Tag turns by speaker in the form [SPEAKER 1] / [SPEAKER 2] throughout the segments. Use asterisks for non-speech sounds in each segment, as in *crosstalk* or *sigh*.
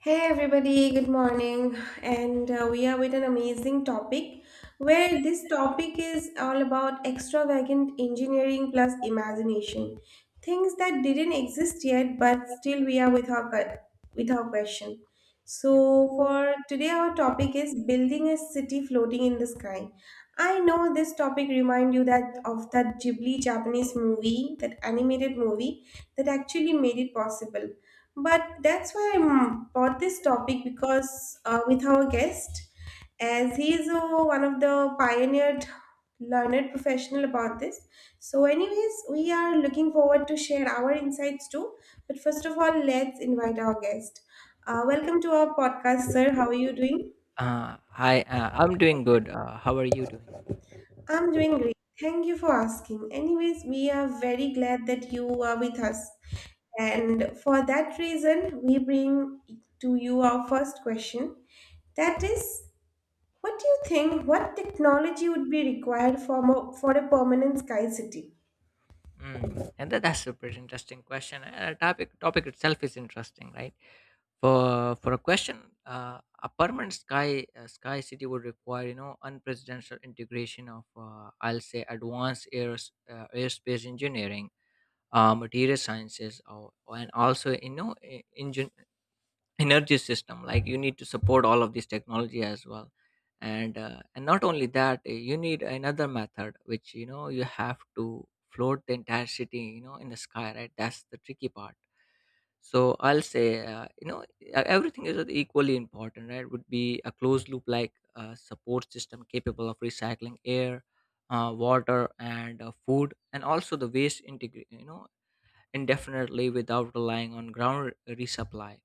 [SPEAKER 1] Hey everybody, good morning. And We are with an amazing topic where this topic is all about extravagant engineering plus imagination. Things that didn't exist yet, but still we are with with our question. So
[SPEAKER 2] Yeah.
[SPEAKER 1] for today our topic is building a city floating in the sky. I know this topic remind you that of that Ghibli Japanese movie, that animated movie that actually made it possible but that's why I brought this topic because with our guest, as he is one of the pioneered learned professional about this. So, anyways, we are looking forward to share our insights too. But first of all, let's invite our guest. Welcome to our podcast, sir. How are you doing?
[SPEAKER 2] I'm doing good. How are you doing?
[SPEAKER 1] I'm doing great. Thank you for asking. Anyways, we are very glad that you are with us. And for that reason, we bring to you our first question. That is, what do you think what technology would be required for for a permanent sky city?
[SPEAKER 2] Mm. That's a pretty interesting question. And a topic itself is interesting, right? For a question, a permanent sky city would require, you know, unprecedented integration of, I'll say, advanced airspace engineering, material sciences, or, and also, you know, energy system. Like you need to support all of this technology as well, and and not only that, you need another method which, you know, you have to float the entire city, you know, in the sky, right? That's the tricky part. So I'll say, you know, everything is equally important, right? Would be a closed loop, like, support system capable of recycling air, water, and food, and also the waste integrate, you know, indefinitely, without relying on ground resupply.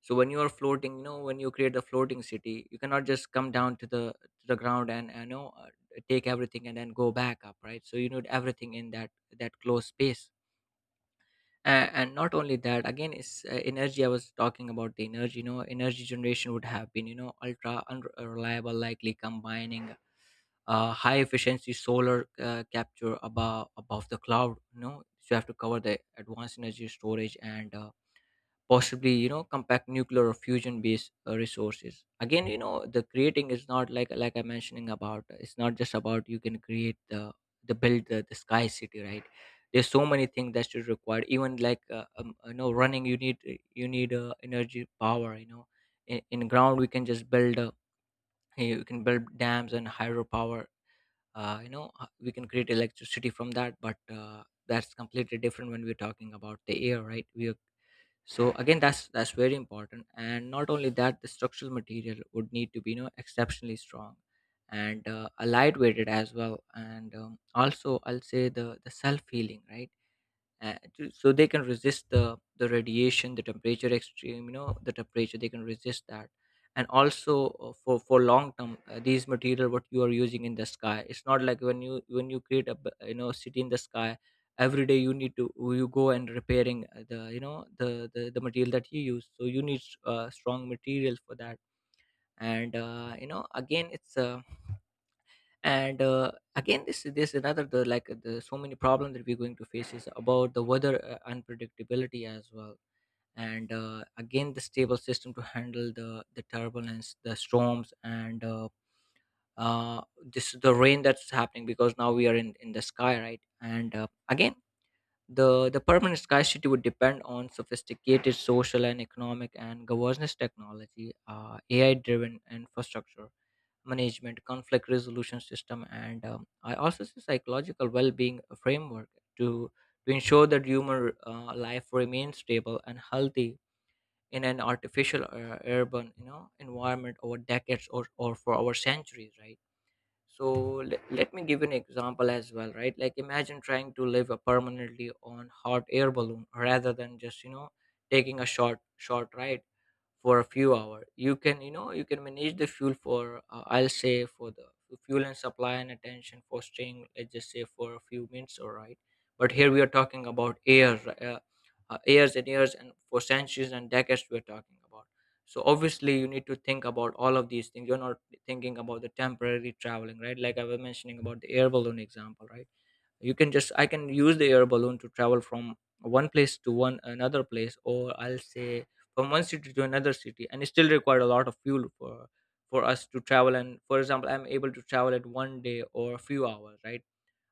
[SPEAKER 2] So when you are floating, you know, when you create a floating city, you cannot just come down to the, to the ground, and you know, take everything and then go back up, right? So you need everything in that, that closed space. And not only that, again is, energy. I was talking about the energy. You know, energy generation would have been, you know, ultra unreliable, likely combining high efficiency solar capture above the cloud, you know. So you have to cover the advanced energy storage, and possibly, you know, compact nuclear or fusion based resources. Again, you know, the creating is not like, like I'm mentioning about, it's not just about you can create the build the sky city, right? There's so many things that should require, even like, you know, running. You need energy power, you know. In ground we can just build, you can build dams and hydropower, you know, we can create electricity from that. But that's completely different when we're talking about the air, right? We are. So again, that's very important. And not only that, the structural material would need to be, you know, exceptionally strong, and a lightweighted as well, and also I'll say the self healing, right? So they can resist the radiation, the temperature extreme, you know, the temperature, they can resist that. And also, for long term, these material what you are using in the sky. It's not like when you, when you create you know, city in the sky, every day you need to, you go and repairing the, you know, the material that you use. So you need, strong material for that. And you know, again it's, and again this, this another, the, like, the so many problem that we're going to face is about the weather unpredictability as well. And again, the stable system to handle the turbulence, the storms, and uh, this, the rain that's happening, because now we are in the sky, right? And again, the permanent scarcity would depend on sophisticated social and economic and governance technology, AI driven infrastructure management, conflict resolution system, and I also see psychological well being framework to, to ensure that human life remains stable and healthy in an artificial urban, you know, environment over decades, or for over centuries, right? So let, let me give you an example as well, right? Like, imagine trying to live a permanently on hot air balloon rather than just, you know, taking a short ride for a few hours. You can, you know, you can manage the fuel for, I'll say, for the fuel and supply and attention for staying, let's just say, for a few minutes, all right? But here we are talking about air, years and years, and for centuries and decades we're talking about. So obviously you need to think about all of these things. You're not thinking about the temporary traveling, right? Like I was mentioning about the air balloon example, right? You can just, I can use the air balloon to travel from one place to one another place, or I'll say from one city to another city, and it still required a lot of fuel for us to travel. And for example, I'm able to travel at one day or a few hours, right?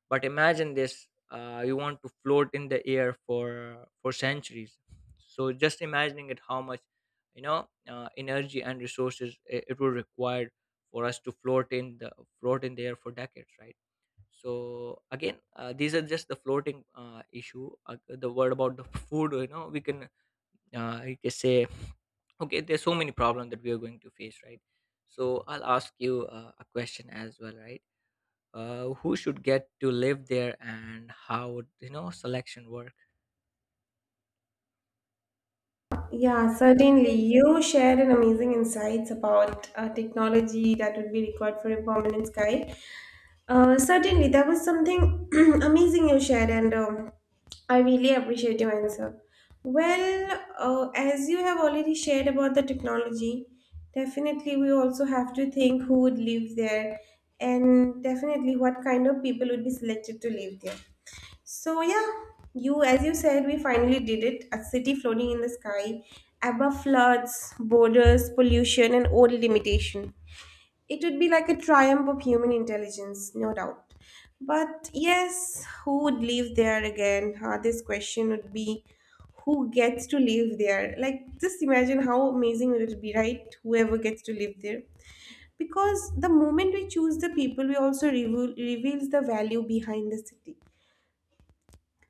[SPEAKER 2] But imagine this, you want to float in the air for centuries. So just imagining it, how much, you know, energy and resources it, it would require for us to float in the, float in the air for decades, right? So again, these are just the floating issue. The word about the *laughs* food, you know, we can, I can say, okay, there's so many problems that we are going to face, right? So I'll ask you a question as well, right? Who should get to live there, and how would, you know, selection work?
[SPEAKER 1] Yeah, certainly. You shared an amazing insights about technology that would be required for a permanent sky. Certainly, that was something *clears throat* amazing you shared, and I really appreciate your answer. Well, as you have already shared about the technology, definitely we also have to think who would live there and definitely what kind of people would be selected to live there. So, yeah, you, as you said, we finally did it a city floating in the sky, above floods, borders, pollution, and old limitation. It would be like a triumph of human intelligence, no doubt. But yes, who would live there again? This question would be who gets to live there? Like, just imagine how amazing would it be, right? Whoever gets to live there. Because the moment we choose the people, we also reveal, reveals the value behind the city.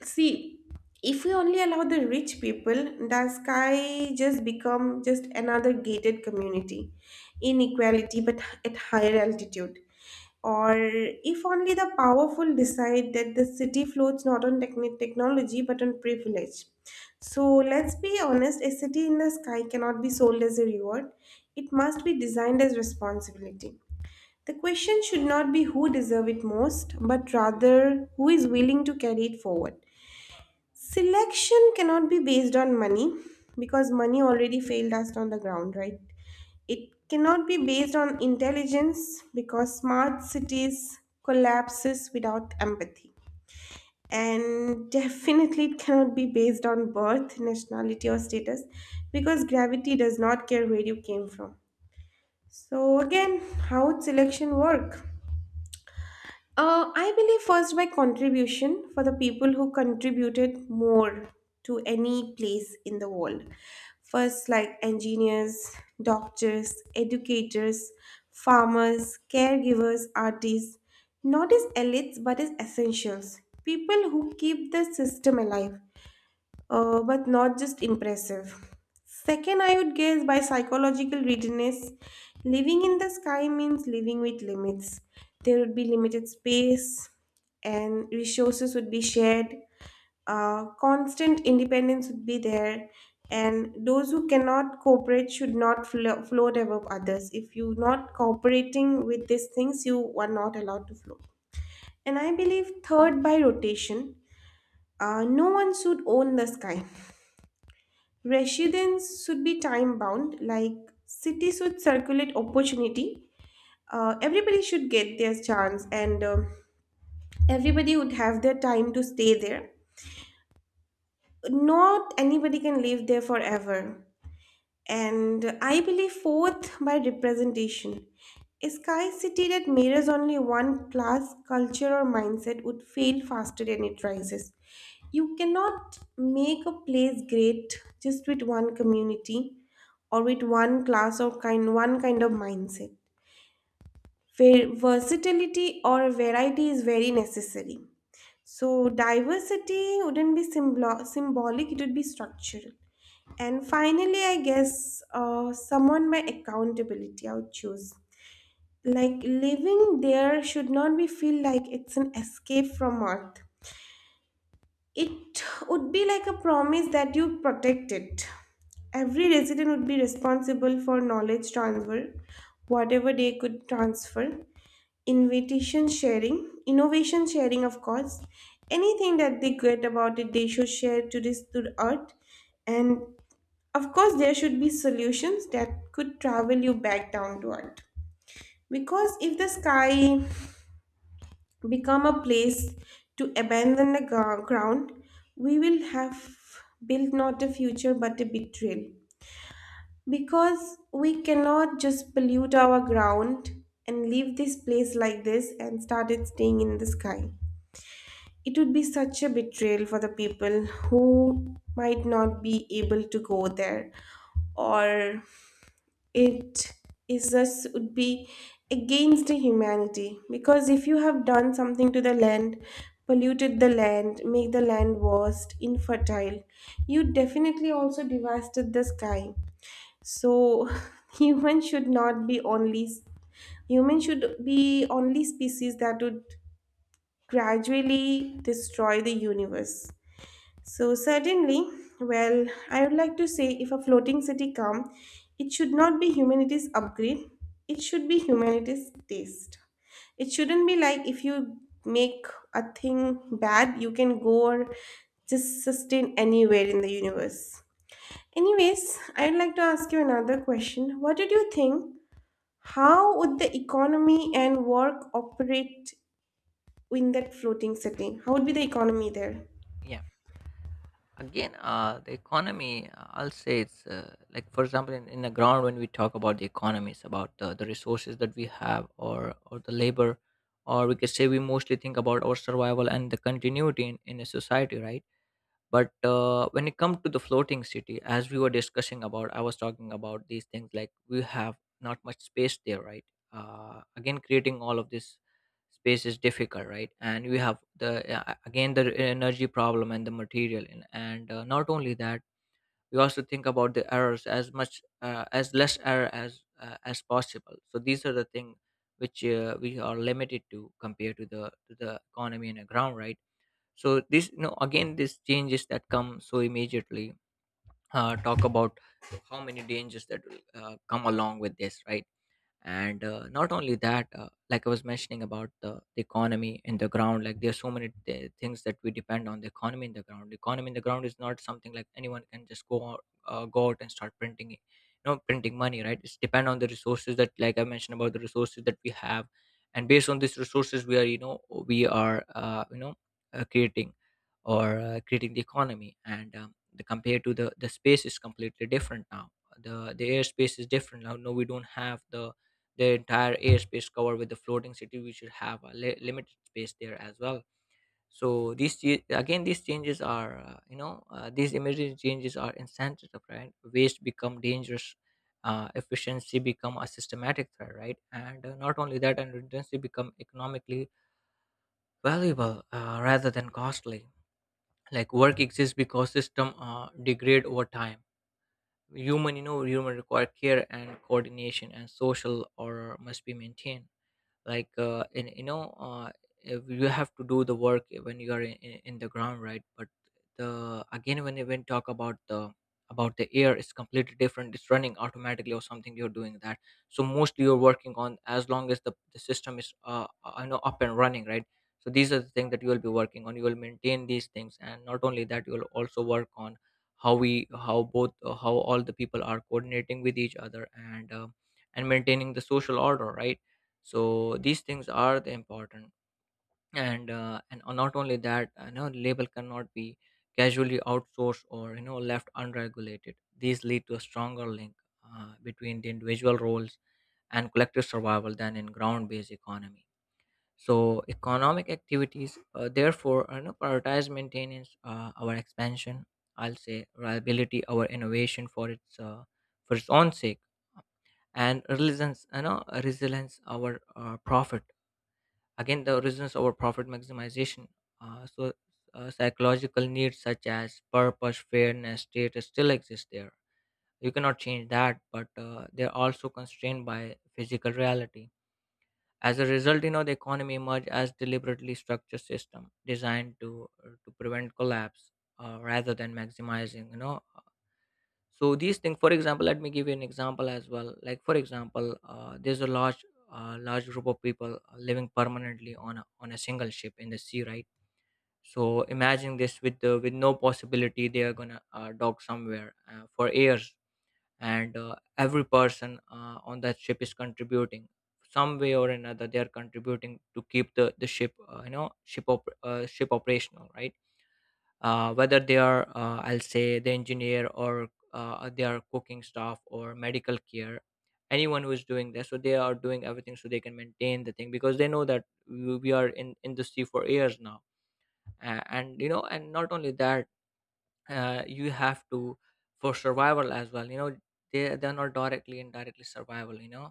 [SPEAKER 1] See, if we only allow the rich people, the sky just become just another gated community, inequality, but at higher altitude or if only the powerful decide that the city floats not on technology but on privilege. So let's be honest a city in the sky cannot be sold as a reward, it must be designed as responsibility. The question should not be who deserve it most, but rather who is willing to carry it forward. Selection cannot be based on money because money already failed us on the ground, right? It cannot be based on intelligence because smart cities collapses without empathy. And definitely it cannot be based on birth, nationality or status because gravity does not care where you came from. So again, how would selection work? I believe first by contribution for the people who contributed more to any place in the world. First, like engineers, doctors, educators, farmers, caregivers, artists, not as elites but as essentials. People who keep the system alive but not just impressive. Second, I would guess by psychological readiness, living in the sky means living with limits. There would be limited space, and resources would be shared. Constant independence would be there, and those who cannot cooperate should not float above others. If you're not cooperating with these things, you are not allowed to float. And I believe, third, by rotation, no one should own the sky. Residents should be time bound, like cities should circulate opportunity. Everybody should get their chance, and everybody would have their time to stay there. Not anybody can live there forever. And I believe fourth by representation. A sky city that mirrors only one class, culture, or mindset would fail faster than it rises. You cannot make a place great just with one community or with one class or kind one kind of mindset. Versatility or variety is very necessary. So diversity wouldn't be symbolic, it would be structural. And finally, I guess someone by accountability I would choose. Like living there should not be feel like it's an escape from Earth. It would be like a promise that you protect it. Every resident would be responsible for knowledge transfer, whatever they could transfer, invitation sharing, innovation sharing, of course. Anything that they get about it, they should share to this to the Earth and of course, there should be solutions that could travel you back down to earth. Because if the sky become a place to abandon the ground, we will have built not a future but a betrayal. Because we cannot just pollute our ground and leave this place like this and started staying in the sky. It would be such a betrayal for the people who might not be able to go there or it is just would be against the humanity because if you have done something to the land polluted the land make the land worst infertile you definitely also devastated the sky so *laughs* humans should not be only humans should be only species that would gradually destroy the universe so certainly, well, I would like to say if a floating city come, it should not be humanity's upgrade. It should be humanity's taste. It shouldn't be like if you make a thing bad, you can go or just sustain anywhere in the universe. Anyways, I would like to ask you another question. What did you think? How would the economy and work operate in that floating city? How would be the economy there?
[SPEAKER 2] Yeah, again, the economy, I'll say it's, like, for example, in the ground, when we talk about the economy, it's about the resources that we have, or the labor, or we could say we mostly think about our survival and the continuity in a society, right? But when it comes to the floating city, as we were discussing about, I was talking about these things. Like, we have not much space there, right? Again, creating all of this space is difficult, right? And we have the, again, the energy problem and the material in, and not only that, we also think about the errors as much, as less error as, as possible. So these are the things which, we are limited to compared to the, to the economy and the ground, right? So this, you know, again, these changes that come so immediately, talk about how many dangers that will, come along with this, right? And not only that, like I was mentioning about the economy in the ground. Like, there's so many things that we depend on the economy in the ground. The economy in the ground is not something like anyone can just go out and start you know, printing money, right? It's depend on the resources that, like I mentioned about, the resources that we have. And based on these resources, we are, you know, we are, you know, creating, or creating the economy, and the compared to the space is completely different now. The airspace is different now. No, we don't have the entire airspace covered with the floating city. We should have a limited space there as well. So these again, these changes are, you know, these emergency changes are insensitive, right? Waste become dangerous, efficiency become a systematic threat, right? And not only that, and redundancy become economically valuable, rather than costly. Like, work exists because system degrade over time. Human, you know, human require care and coordination, and social order must be maintained. Like, in you know, if you have to do the work when you are in, in the ground, right? But the, again, when you, when talk about the, about the air, it's completely different. It's running automatically, or something you're doing that. So mostly you're working on as long as the system is, you know, up and running, right? So these are the things that you will be working on. You will maintain these things, and not only that, you will also work on how we, how all the people are coordinating with each other, and and maintaining the social order, right? So these things are the important. And not only that, you know, label cannot be casually outsourced, or you know, left unregulated. These lead to a stronger link between the individual roles and collective survival than in ground-based economy. So economic activities therefore are not prioritize maintenance, our expansion, I'll say reliability, our innovation for its, for its own sake, and resilience, you know, resilience, our profit. Again, the origins over profit maximization. So, psychological needs such as purpose, fairness, status still exist there. You cannot change that, but they're also constrained by physical reality. As a result, you know the economy emerged as deliberately structured system designed to prevent collapse rather than maximizing. So these things, for example, let me give you an example as well, like for example there's a large group of people living permanently on on a single ship in the sea, right? So imagine this with no possibility they are gonna dock somewhere for years, and every person on that ship is contributing some way or another. They are contributing to keep the ship, ship operational, right? Whether they are I'll say the engineer, or they are cooking staff or medical care, anyone who is doing this. So they are doing everything so they can maintain the thing, because they know that we are in industry for years now. And you know, and not only that, you have to, for survival as well. They're not directly, indirectly survival, you know.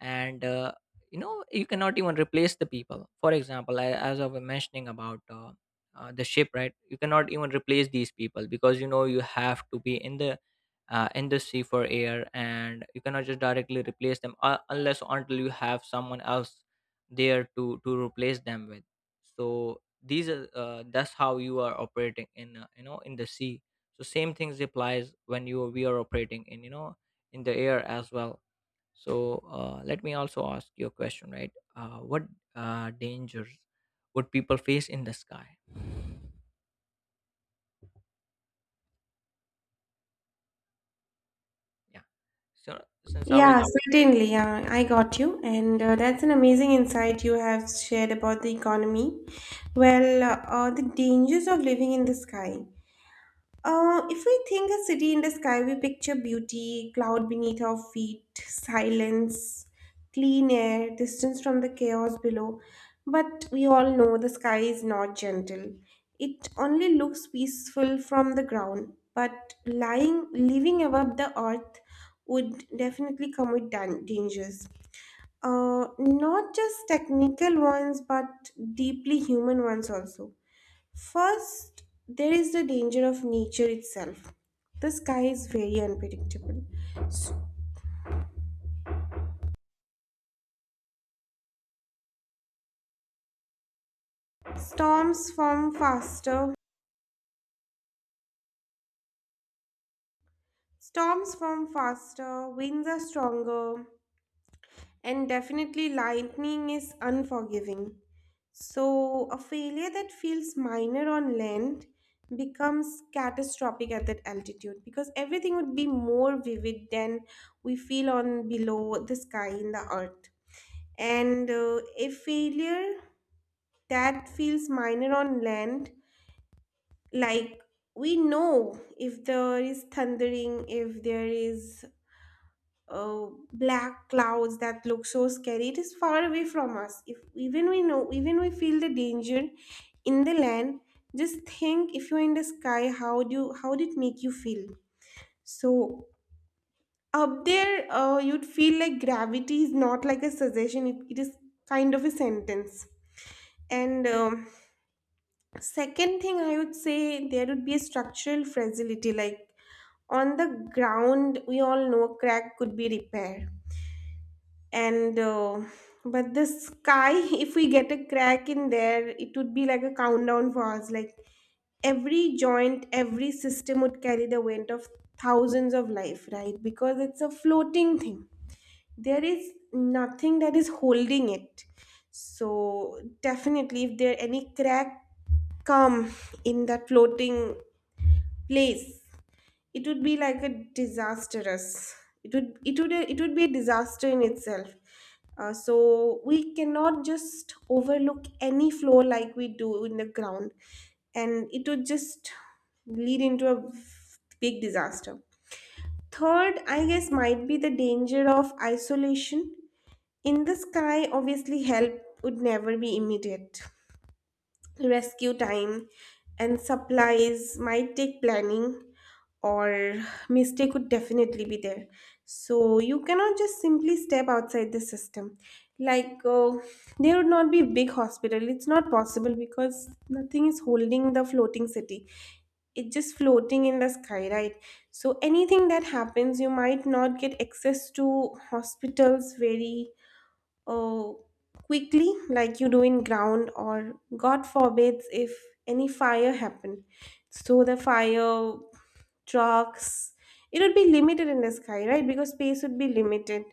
[SPEAKER 2] And you cannot even replace the people. For example, I, as I was mentioning about the ship, right? You cannot even replace these people because you know you have to be in the sea for air, and you cannot just directly replace them unless or until you have someone else there to replace them with. So these are that's how you are operating in in the sea. So same things applies when you we are operating in, you know, in the air as well. So let me also ask you a question, right? What dangers would people face in the sky? Yeah. So since I was,
[SPEAKER 1] Yeah, certainly. Yeah, I got you. And That's an amazing insight you have shared about the economy. Well, the dangers of living in the sky. If we think a city in the sky, we picture beauty, cloud beneath our feet, silence, clean air, distance from the chaos below. But we all know the sky is not gentle. It only looks peaceful from the ground, but lying, living above the earth would definitely come with dangers. Not just technical ones, but deeply human ones also. First, there is the danger of nature itself. The sky is very unpredictable. S- Storms form faster, storms form faster, winds are stronger, and definitely lightning is unforgiving. So, a failure that feels minor on land becomes catastrophic at that altitude because everything would be more vivid than we feel on below the sky in the earth. And A failure that feels minor on land like we know if there is thundering if there is uh, black clouds that look so scary it is far away from us if even we know even we feel the danger in the land just think if you're in the sky how do you how did it make you feel so up there you'd feel like gravity is not like a suggestion it is kind of a sentence and second thing, I would say there would be a structural fragility. Like on the ground, we all know crack could be repaired, and but the sky, *laughs* if we get a crack in there, it would be like a countdown for us. Like every joint, every system would carry the weight of thousands of life, right? Because it's a floating thing there is nothing that is holding it so definitely if there any crack come in that floating place it would be like a disastrous it would it would be a disaster in itself so we cannot just overlook any flow like we do in the ground and it would just lead into a big disaster third I guess might be the danger of isolation in the sky, obviously, help would never be immediate. Rescue time and supplies might take planning, or mistake would definitely be there. So you cannot just simply step outside the system. Like there would not be a big hospital. It's not possible because nothing is holding the floating city. It's just floating in the sky, right? So anything that happens, you might not get access to hospitals very oh, quickly, like you do in ground, or God forbids if any fire happen. So the fire trucks, it would be limited in the sky, right? Because space would be limited,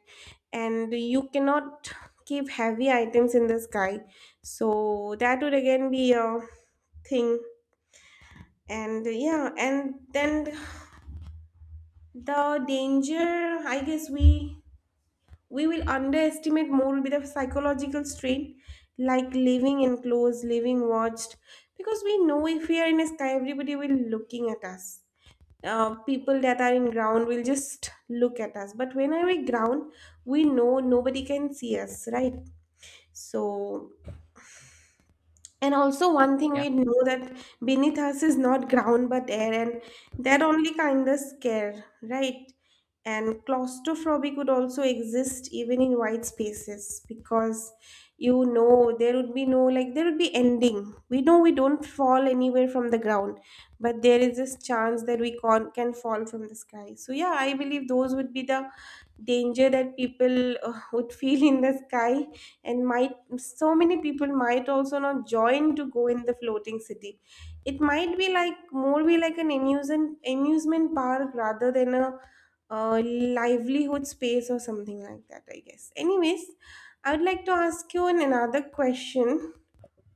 [SPEAKER 1] and you cannot keep heavy items in the sky. So that would again be a thing. And yeah, and then the danger, I guess we will underestimate more will be the psychological strain like living enclosed living watched because we know if we are in a sky everybody will looking at us people that are in ground will just look at us but when are we ground we know nobody can see us right so and also, one thing
[SPEAKER 2] yeah.
[SPEAKER 1] we know that beneath us is not ground but air, and that only kind of scare, right? And claustrophobia could also exist even in wide spaces because you know there would be no like there would be ending. We know we don't fall anywhere from the ground, but there is this chance that we can fall from the sky. So yeah, I believe those would be the danger that people would feel in the sky and might, so many people might also not join to go in the floating city. It might be like more be like an amusement park rather than a livelihood space or something like that, I guess. Anyways, I would like to ask you another question: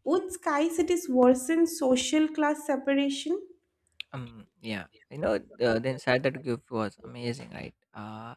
[SPEAKER 1] would sky cities worsen social class separation?
[SPEAKER 2] Yeah, you know, the insight that you give was amazing, right?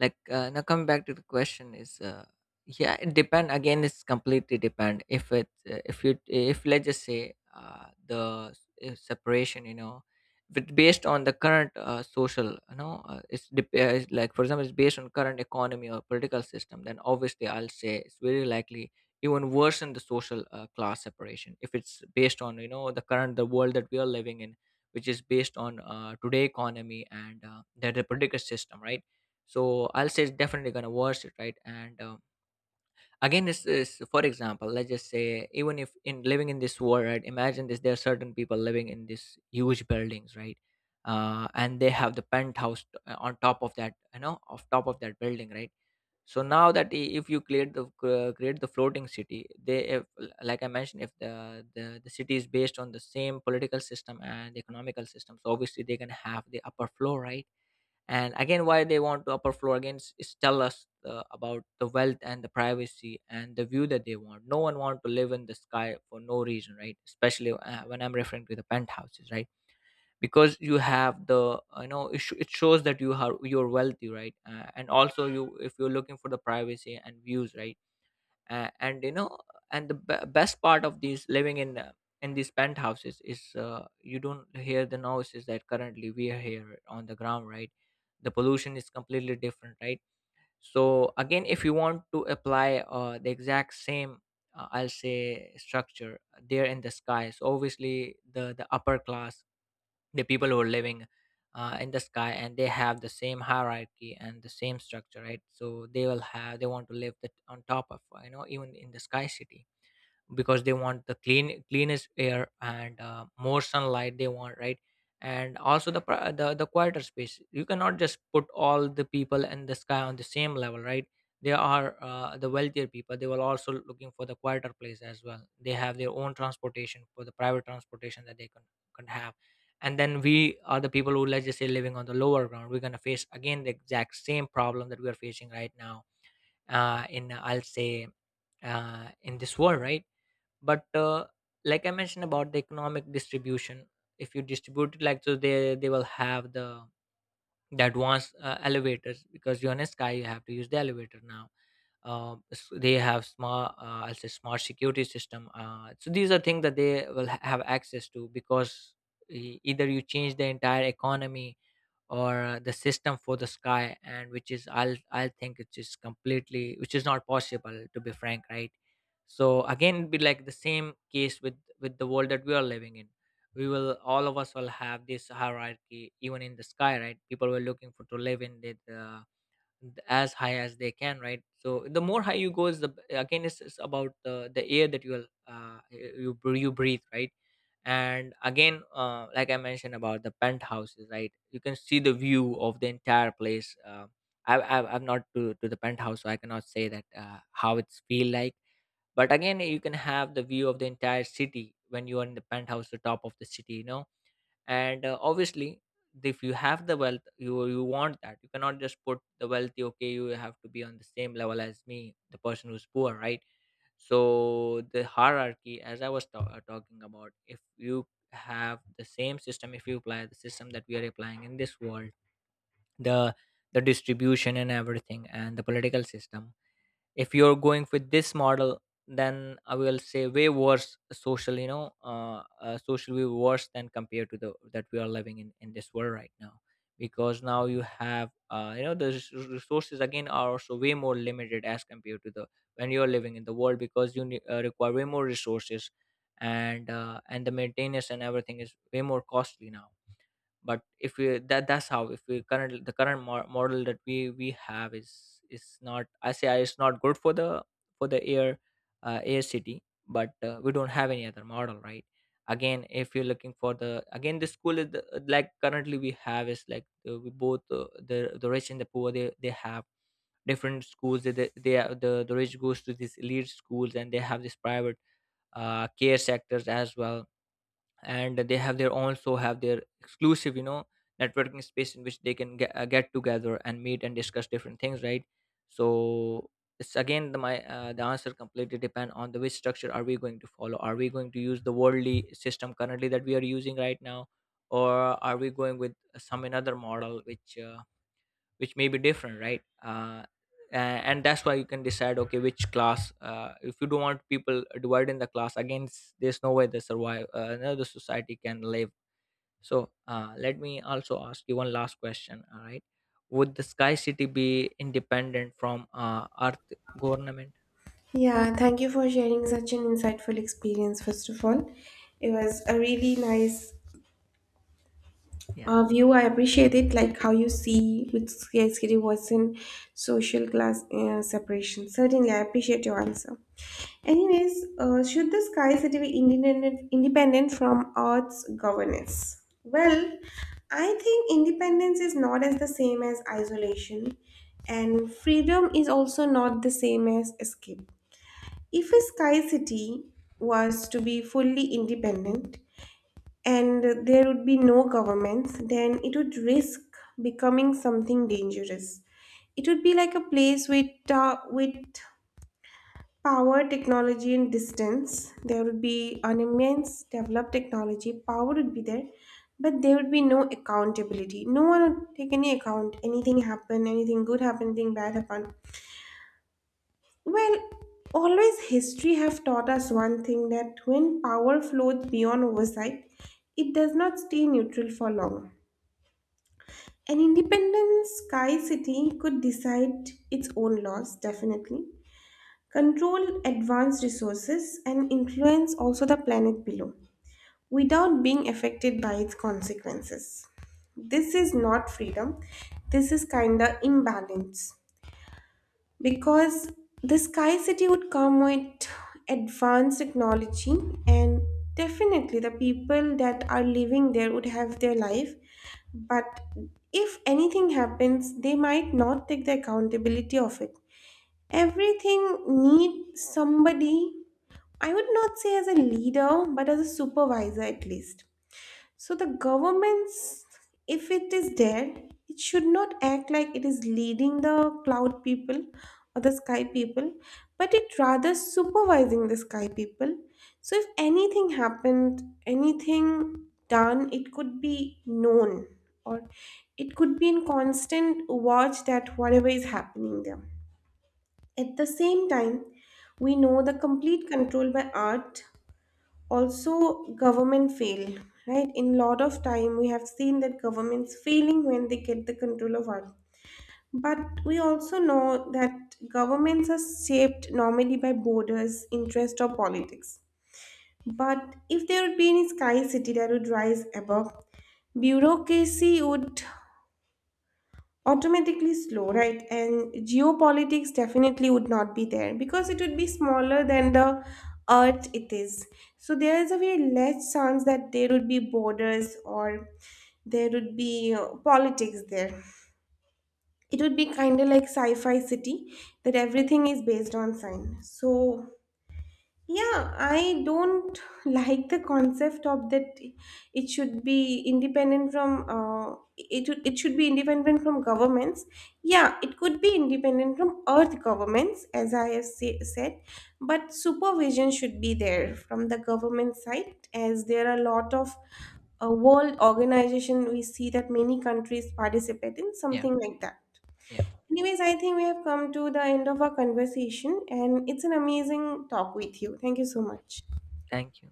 [SPEAKER 2] Like now coming back to the question is, yeah, it depend, again it's completely depend if it if you, if let's just say the separation, you know, but based on the current social, you know, it's like for example it's based on current economy or political system, then obviously I'll say it's very likely even worsen the social class separation if it's based on, you know, the current, the world that we are living in, which is based on today economy, and the political system, right? So I'll say it's definitely gonna watch it, right? And again this is for example, let's just say, even if in living in this world, right? Imagine this, there are certain people living in these huge buildings, right? And they have the penthouse on top of that, you know, off top of that building, right? So now if you create the floating city, they, if, like I mentioned, if the city is based on the same political system and economical system, so obviously they're going to have the upper floor, right? And again, why they want to upper floor, again is tell us about the wealth and the privacy and the view that they want. No one want to live in the sky for no reason, right? Especially when I'm referring to the penthouses, right? Because you have the, you know, it shows that you have, you're wealthy, right? And also you, if you're looking for the privacy and views, right? And you know And best part of these living in these penthouses is you don't hear the noises that currently we are here on the ground, right? The pollution is completely different, right? So again, if you want to apply the exact same I'll say structure there in the sky, so obviously the upper class, the people who are living in the sky, and they have the same hierarchy and the same structure, right? So they will have, they want to live on top of, even in the sky city, because they want the clean, cleanest air and more sunlight they want, right? And also the, pri- the quieter space. You cannot just put all the people and the sky on the same level, right? They are the wealthier people, they were also looking for the quieter place as well. They have their own transportation, for the private transportation that they can have. And then we are the people who, let's just say, living on the lower ground, we're going to face again the exact same problem that we are facing right now in I'll say in this world, right? But like I mentioned about the economic distribution, if you distribute it like, so they will have the advanced elevators, because you're in a sky, you have to use the elevator now. They have smart, I'll say smart security system. So these are things that they will have access to, because either you change the entire economy or the system for the sky, and which is I'll think it's just completely, which is not possible, to be frank, right? So again it'd be like the same case with the world that we are living in. We will, all of us will have this hierarchy even in the sky, right? People were looking for to live in it as high as they can, right? So the more high you go is the again it's about the air that you will you br- you breathe, right? And again like I mentioned about the penthouses, right? You can see the view of the entire place. I'm not to the penthouse, so I cannot say that how it's feel like. But again, you can have the view of the entire city when you are in the penthouse, the top of the city, you know. And obviously, if you have the wealth, you want that. You cannot just put the wealthy, okay, you have to be on the same level as me, the person who's poor, right? So the hierarchy, as I was talking about, if you have the same system, if you apply the system that we are applying in this world, the the distribution and everything and the political system, if you're going with this model, then I will say way worse social, you know, socially worse than compared to the that we are living in this world right now, because now you have resources again are also way more limited as compared to the, when you're living in the world, because you require way more resources, and the maintenance and everything is way more costly now. But if we, that, that's how, if we current, the current model that we have is not, I say it's not good for the, for the air air city. But we don't have any other model, right? Again, if you're looking for the, again the school is the, like currently we have is like we both the rich and the poor, they have different schools. The rich goes to these elite schools and they have this private care sectors as well, and they have their, also have their exclusive, you know, networking space in which they can get together and meet and discuss different things, right? So it's again, the my the answer completely depend on the, which structure are we going to follow? Are we going to use the worldly system currently that we are using right now, or are we going with some another model which may be different, right? And that's why you can decide okay, which class if you don't want people divided in the class, again there's no way the survive, no, the society can live. So let me also ask you one last question, all right? Would the sky city be independent from earth government?
[SPEAKER 1] Yeah, thank you for sharing such an insightful experience. First of all, it was a really nice
[SPEAKER 2] Yeah,
[SPEAKER 1] view, I appreciate it, like how you see with scarcity was in social class separation. Certainly I appreciate your answer. Anyways, should the Sky City be independent from earth's governance? Well, I think independence is not as the same as isolation, and freedom is also not the same as escape. If a sky City was to be fully independent and there would be no governments, then it would risk becoming something dangerous. It would be like a place with power, technology, and distance. There would be an immense developed technology. Power would be there, but there would be no accountability. No one would take any account. Anything happen, anything good happen, anything bad happen. Well, always history have taught us one thing, that when power flows beyond oversight, it does not stay neutral for long. An independent sky city could decide its own laws, definitely, control advanced resources, and influence also the planet below without being affected by its consequences. This is not freedom, this is kinda imbalance, because the Sky City would come with advanced technology, and definitely the people that are living there would have their life. But if anything happens, they might not take the accountability of it. Everything needs somebody, I would not say as a leader, but as a supervisor at least. So the governments, if it is there, it should not act like it is leading the cloud people or the sky people, but it rather supervising the sky people. So if anything happened, anything done, it could be known, or it could be in constant watch that whatever is happening there. At the same time, we know the complete control by art also government fail, right? In lot of time we have seen that governments failing when they get the control of art. But we also know that governments are shaped normally by borders interest or politics, but if there would be any sky city that would rise above, bureaucracy would automatically slow, right? And geopolitics definitely would not be there because it would be smaller than the earth it is. So there is a very less chance that there would be borders or there would be politics there. It would be kind of like sci fi city, that everything is based on science. So yeah, I don't *laughs* like the concept of that it should be independent from it should be independent from governments. Yeah, it could be independent from earth governments as I have say, said, but supervision should be there from the government side, as there are a lot of world organization, we see that many countries participate in
[SPEAKER 2] yeah,
[SPEAKER 1] something like that.
[SPEAKER 2] yeah.
[SPEAKER 1] Anyways, I think we have come to the end of our conversation, and it's an amazing talk with you. Thank you so much.
[SPEAKER 2] Thank you.